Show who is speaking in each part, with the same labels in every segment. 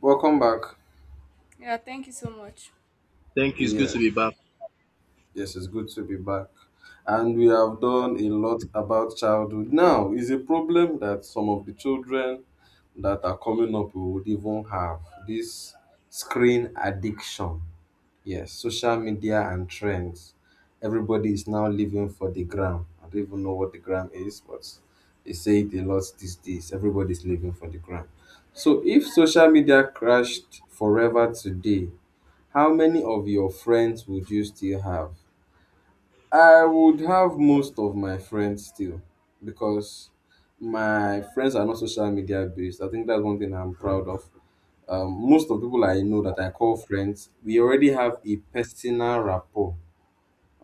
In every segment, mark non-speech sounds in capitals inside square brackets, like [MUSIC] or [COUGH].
Speaker 1: Welcome back.
Speaker 2: Yeah, thank you so much.
Speaker 3: Thank you. It's good
Speaker 1: Yes,
Speaker 3: to be back.
Speaker 1: yes, it's good to be back. And we have done a lot about childhood. Now, is a problem that some of the children that are coming up would even have this screen addiction. Yes, social media and trends. Everybody is now living for the gram. I don't even know what the gram is, but they say it a lot these days. Everybody's living for the gram. So if social media crashed forever today, how many of your friends would you still have? I would have most of my friends still because my friends are not social media based. I think that's one thing I'm proud of. Most of the people I know that I call friends, we already have a personal rapport.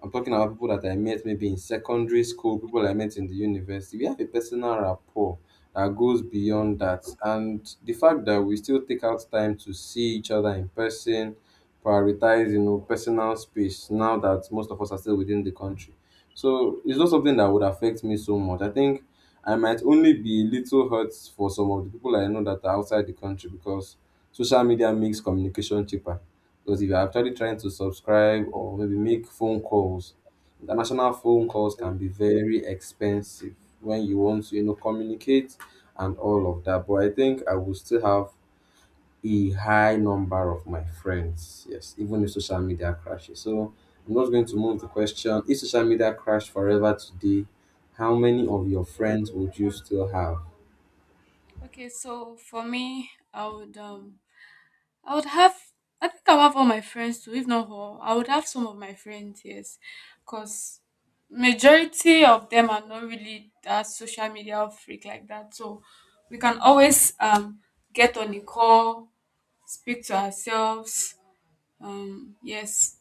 Speaker 1: I'm talking about people that I met maybe in secondary school, people I met in the university. We have a personal rapport that goes beyond that. And the fact that we still take out time to see each other in person, prioritize, you know, personal space now that most of us are still within the country. So it's not something that would affect me so much. I think I might only be a little hurt for some of the people I know that are outside the country, because social media makes communication cheaper, because if you're actually trying to subscribe or maybe make phone calls, international phone calls can be very expensive when you want to, you know, communicate and all of that. But I think I will still have a high number of my friends. Yes, even if social media crashes. So I'm not going to move the question. If social media crashed forever today, how many of your friends would you still have?
Speaker 2: Okay, so for me, I would have, I think I'll have all my friends too, if not all. I would have some of my friends, yes. Cause majority of them are not really that social media freak like that. So we can always get on a call, speak to ourselves. Yes.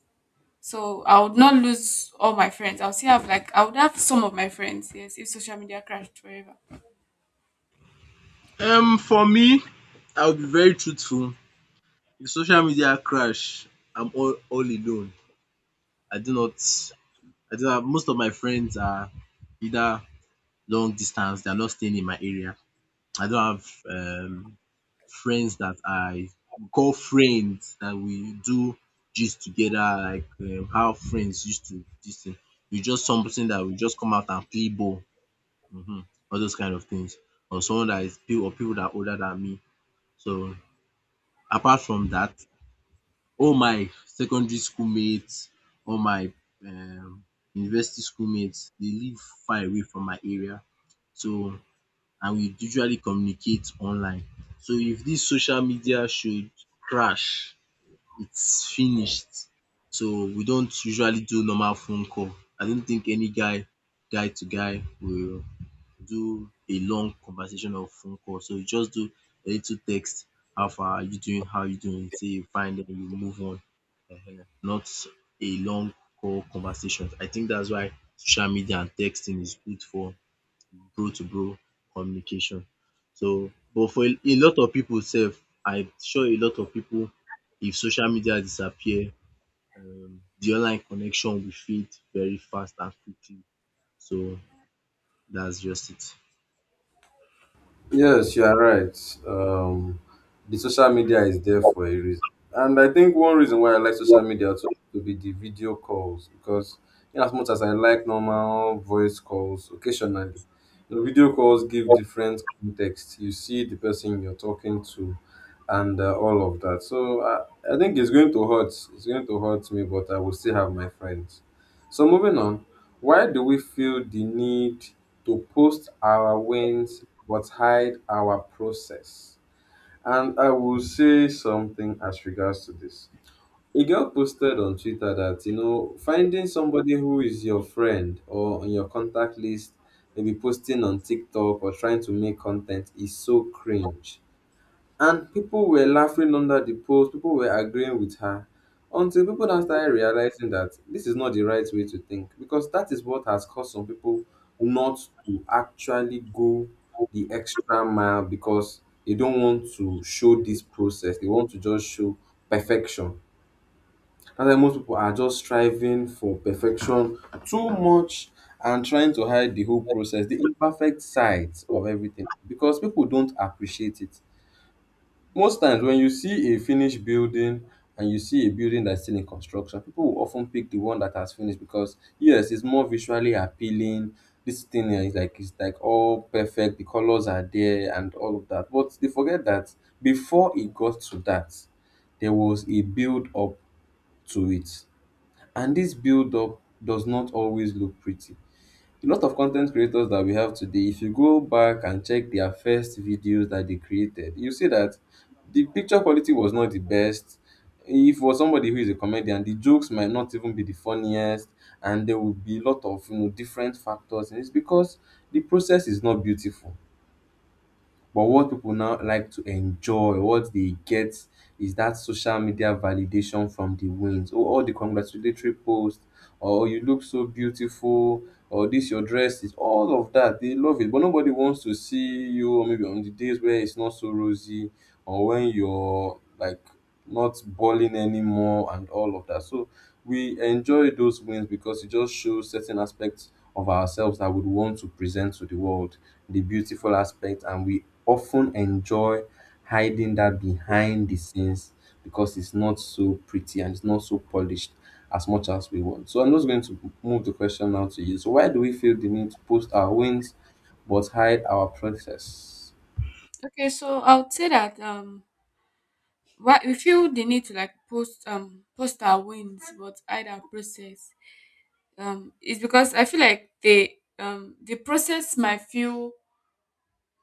Speaker 2: So I would not lose all my friends. I'll still have, like, I would have some of my friends, yes, if social media crashed forever.
Speaker 3: For me, I'll be very truthful. If social media crash, I'm all alone. I do not, I do not, most of my friends are either long distance, they're not staying in my area. I don't have friends that I call friends that we do gist together, like how friends used to this thing. We just something that we just come out and play ball, hmm, all those kind of things. Or someone that is people or people that are older than me. So apart from that, all my secondary school mates, all my um university school mates dey live far away from my area, so and we usually communicate online. So if dis social media should crash, it's finished. So we don't usually do normal phone call. I don't think any guy to guy will do a long conversation or phone call. So you just do a little text, how far are you doing, how you doing, Say you find them, you move on. Ehen. Not a long call conversation. I think that's why social media and texting is good for bro to bro communication. So but for a lot of people, sef, I'm sure a lot of people, if social media disappear, the online connection will fade very fast and quickly. So that's just it.
Speaker 1: Yes, you are right. The social media is there for a reason, and I think one reason why I like social media to be the video calls, because in as much as I like normal voice calls occasionally, you know, video calls give different context. You see the person you're talking to, and all of that. So I think it's going to hurt. It's going to hurt me, but I will still have my friends. So moving on. Why do we feel the need to post our wins but hide our process? And I will say something as regards to this. A girl posted on Twitter that, you know, finding somebody who is your friend or on your contact list, maybe posting on TikTok or trying to make content is so cringe. And people were laughing under the post, people were agreeing with her, until people now started realizing that this is not the right way to think, because that is what has caused some people not to actually go the extra mile, because they don't want to show this process, they want to just show perfection. And then most people are just striving for perfection too much and trying to hide the whole process, the imperfect sides of everything, because people don't appreciate it. Most times when you see a finished building and you see a building that's still in construction, people will of pick the one that has finished because, yes, it's more visually appealing. This thing here is like, it's like all perfect, the colors are there and all of that, but they forget that before it got to that, there was a build up to it, and this build up does not always look pretty. A lot of content creators that we have today, if you go back and check their first videos that they created, you see that the picture quality was not the best. If for somebody who is a comedian, the jokes might not even be the funniest, and there will be a lot of, you know, different factors, and it's because the process is not beautiful. But what people now like to enjoy, what they get, is that social media validation from the wins. Oh, all the congratulatory posts, or oh, you look so beautiful, or this your dress is all of that. They love it. But nobody wants to see you or maybe on the days where it's not so rosy, or when you're like not balling anymore and all of that. So we enjoy those wins because it just shows certain aspects of ourselves that we would want to present to the world, the beautiful aspect, and we often enjoy hiding that behind the scenes because it's not so pretty and it's not so polished as much as we want. So I'm just going to move the question now to you. So why do we feel the need to post our wins but hide our process?
Speaker 2: Okay, so I would say that why we feel the need to like post our wins but hide our process. It's because I feel like the process might feel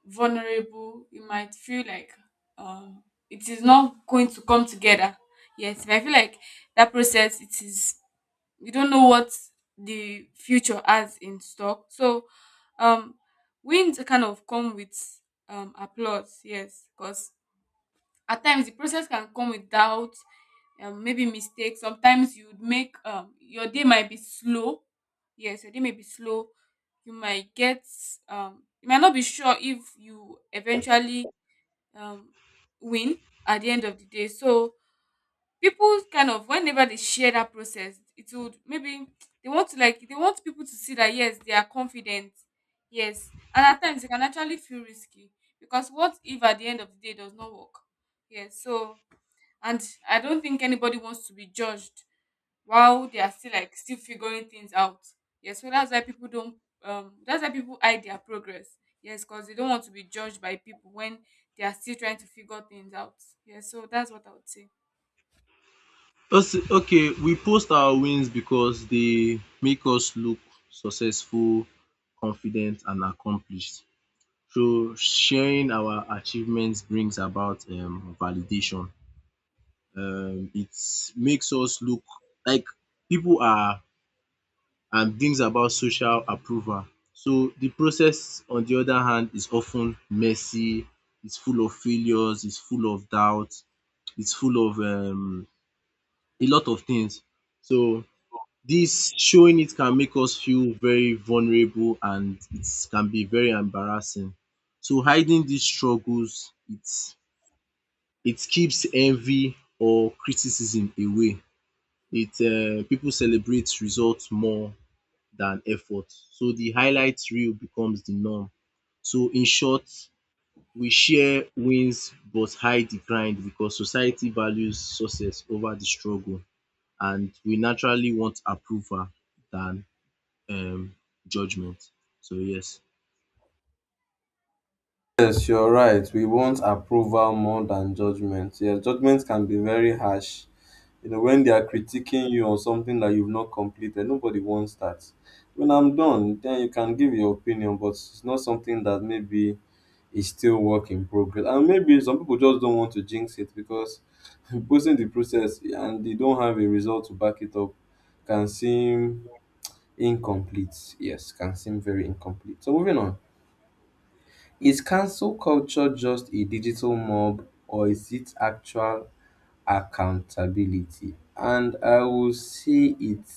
Speaker 2: vulnerable. You might feel like um it is not going to come together. Yes, but I feel like that process it is, we don't know what the future has in stock. So um wins kind of come with applause, yes, because at times the process can come without, maybe mistakes. Sometimes you'd make your day might be slow, yes, your day may be slow, you might get you might not be sure if you eventually, um, win at the end of the day. So people kind of, whenever they share that process, it would maybe, they want to like, they want people to see that yes they are confident, yes, and at times it can actually feel risky because what if at the end of the day it does not work. Yes, so, and I don't think anybody wants to be judged while they are still, like, still figuring things out. Yeah, so that's why people don't, that's why people hide their progress, yes, because they don't want to be judged by people when they are still trying to figure things out. Yeah, so that's what I would say.
Speaker 3: Okay, we post our wins because they make us look successful, confident and accomplished. So sharing our achievements brings about validation. It makes us look like people are and brings about social approval. So the process on the other hand is often messy. It's full of failures. It's full of doubt. It's full of a lot of things. So this showing it can make us feel very vulnerable and it can be very embarrassing. So hiding these struggles, it keeps envy or criticism away. It People celebrate results more than effort. So the highlight reel becomes the norm. So in short, we share wins but hide the grind because society values success over the struggle, and we naturally want approval than um judgment. So yes.
Speaker 1: Yes, you're right. We want approval more than judgment. Yes, judgment can be very harsh. You know, when they are critiquing you on something that you've not completed, nobody wants that. When I'm done, then you can give your opinion, but it's not something that maybe is still work in progress. And maybe some people just don't want to jinx it because [LAUGHS] posting the process and they don't have a result to back it up can seem incomplete. Yes, can seem very incomplete. So moving on. Is cancel culture just a digital mob or is it actual accountability? And I will say it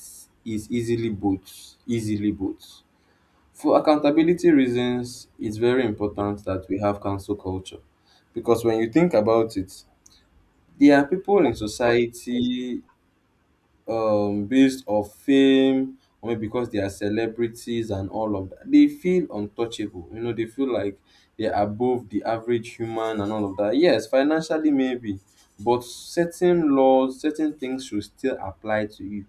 Speaker 1: is easily both. Easily both. For accountability reasons, it's very important that we have cancel culture because when you think about it, there are people in society based of fame or maybe because they are celebrities and all of that, they feel untouchable. You know, they feel like they're above the average human and all of that. Yes, financially maybe, but certain laws, certain things should still apply to you.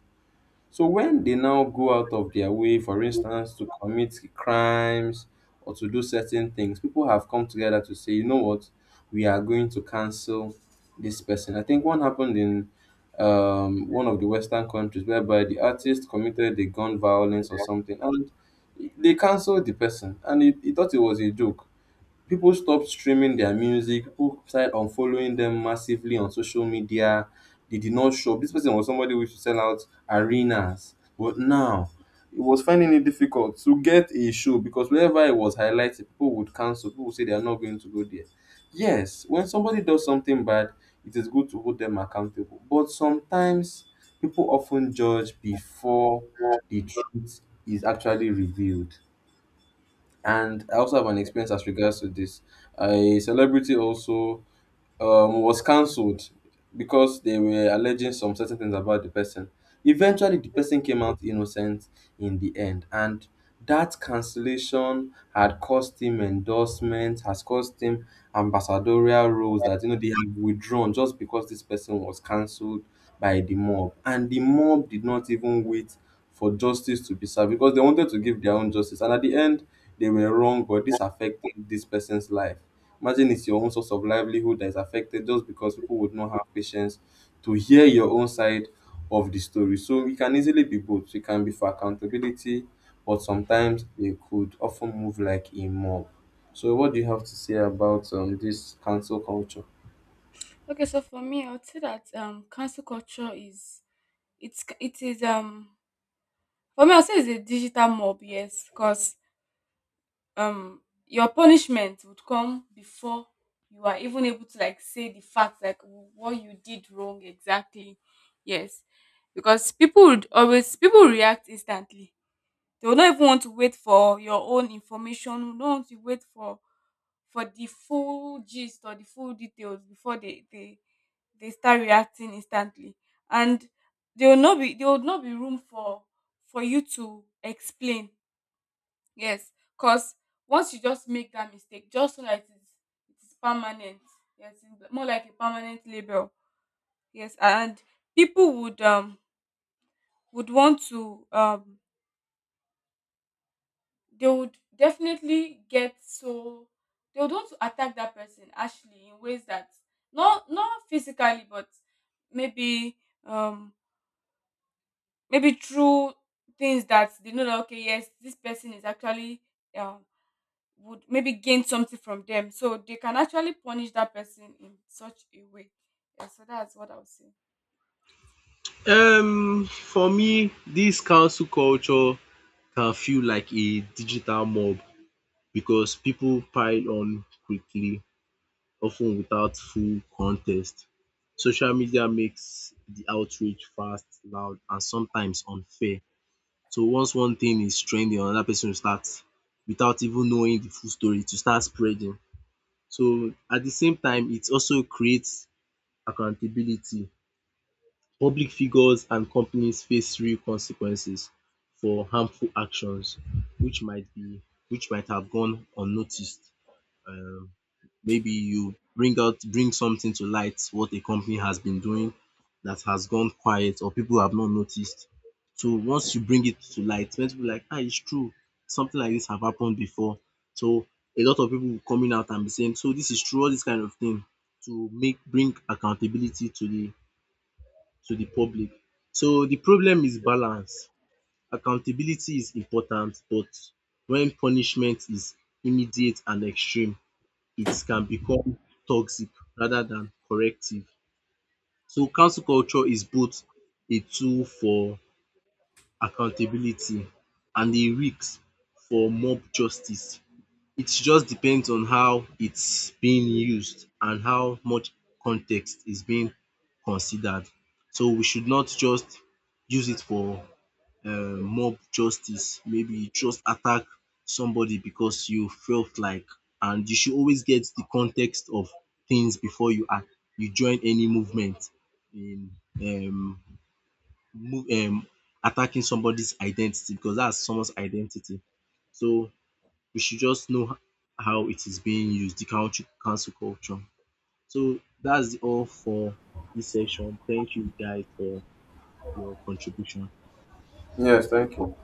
Speaker 1: So when they now go out of their way, for instance, to commit crimes or to do certain things, people have come together to say, you know what, we are going to cancel this person. I think one happened in one of the Western countries whereby the artist committed a gun violence or something, and they cancelled the person, and he thought it was a joke. People stopped streaming their music, people started unfollowing them massively on social media, they did not shop. This person was somebody who used to sell out arenas, but now it was finding it difficult to get a show because wherever it was highlighted people would cancel, people would say they are not going to go there. Yes, when somebody does something bad it is good to hold them accountable, but sometimes people often judge before the truth is actually revealed. And I also have an experience as regards to this. A celebrity also was cancelled because they were alleging some certain things about the person. Eventually, the person came out innocent in the end, and that cancellation had cost him endorsements, has cost him ambassadorial roles that, you know, they have withdrawn just because this person was cancelled by the mob, and the mob did not even wait for justice to be served because they wanted to give their own justice. And at the end, they were wrong. But this affected this person's life. Imagine it's your own source of livelihood that is affected just because people would not have patience to hear your own side of the story. So it can easily be both. It can be for accountability, but sometimes they could often move like a mob. So what do you have to say about this cancel culture?
Speaker 2: Okay, so for me, I would say that, cancel culture is, it is, for me I would say it's a digital mob, yes, cause. Your punishment would come before you are even able to, like, say the fact, like what you did wrong exactly. Yes, because people would always people react instantly, they will not even want to wait for your own information, don't want to wait for the full gist or the full details before they they start reacting instantly. And there will not be room for you to explain. Yes, because once you just make that mistake, just so that it is permanent. Yes, it's like, more like a permanent label. Yes, and people would want to, they would definitely get, so they would want to attack that person actually in ways that, not physically but maybe, um maybe through things that they know that, okay, yes, this person is actually, um would maybe gain something from them. So they can actually punish that person in such a way. Yeah, so that's what I would say.
Speaker 3: For me this council culture can feel like a digital mob because people pile on quickly often without full context. Social media makes the outrage fast, loud and sometimes unfair. So once one thing is trending another person will start without even knowing the full story to start spreading. So at the same time it also creates accountability. Public figures and companies face real consequences for harmful actions which might be which might have gone unnoticed. Um Maybe you bring something to light what a company has been doing that has gone quiet or people have not noticed. So once you bring it to light plenty people like ah it's true something like this have happened before. So a lot of people will coming out and be saying so this is true all this kind of thing to make bring accountability to the public. So the problem is balance. Accountability is important but when punishment is immediate and extreme, it can become toxic rather than corrective. So council culture is both a tool for accountability and a risk for mob justice. It just depends on how it's being used and how much context is being considered. So we should not just use it for mob justice. Maybe just attack somebody because you felt like, and you should always get the context of things before you act, you join any movement in um move attacking somebody's identity because that's someone's identity. So we should just know how it is being used, the country cancel culture. So that's all for this session. Thank you guys for your contribution.
Speaker 2: Yeah,
Speaker 1: Yes, thank
Speaker 2: thank
Speaker 1: you.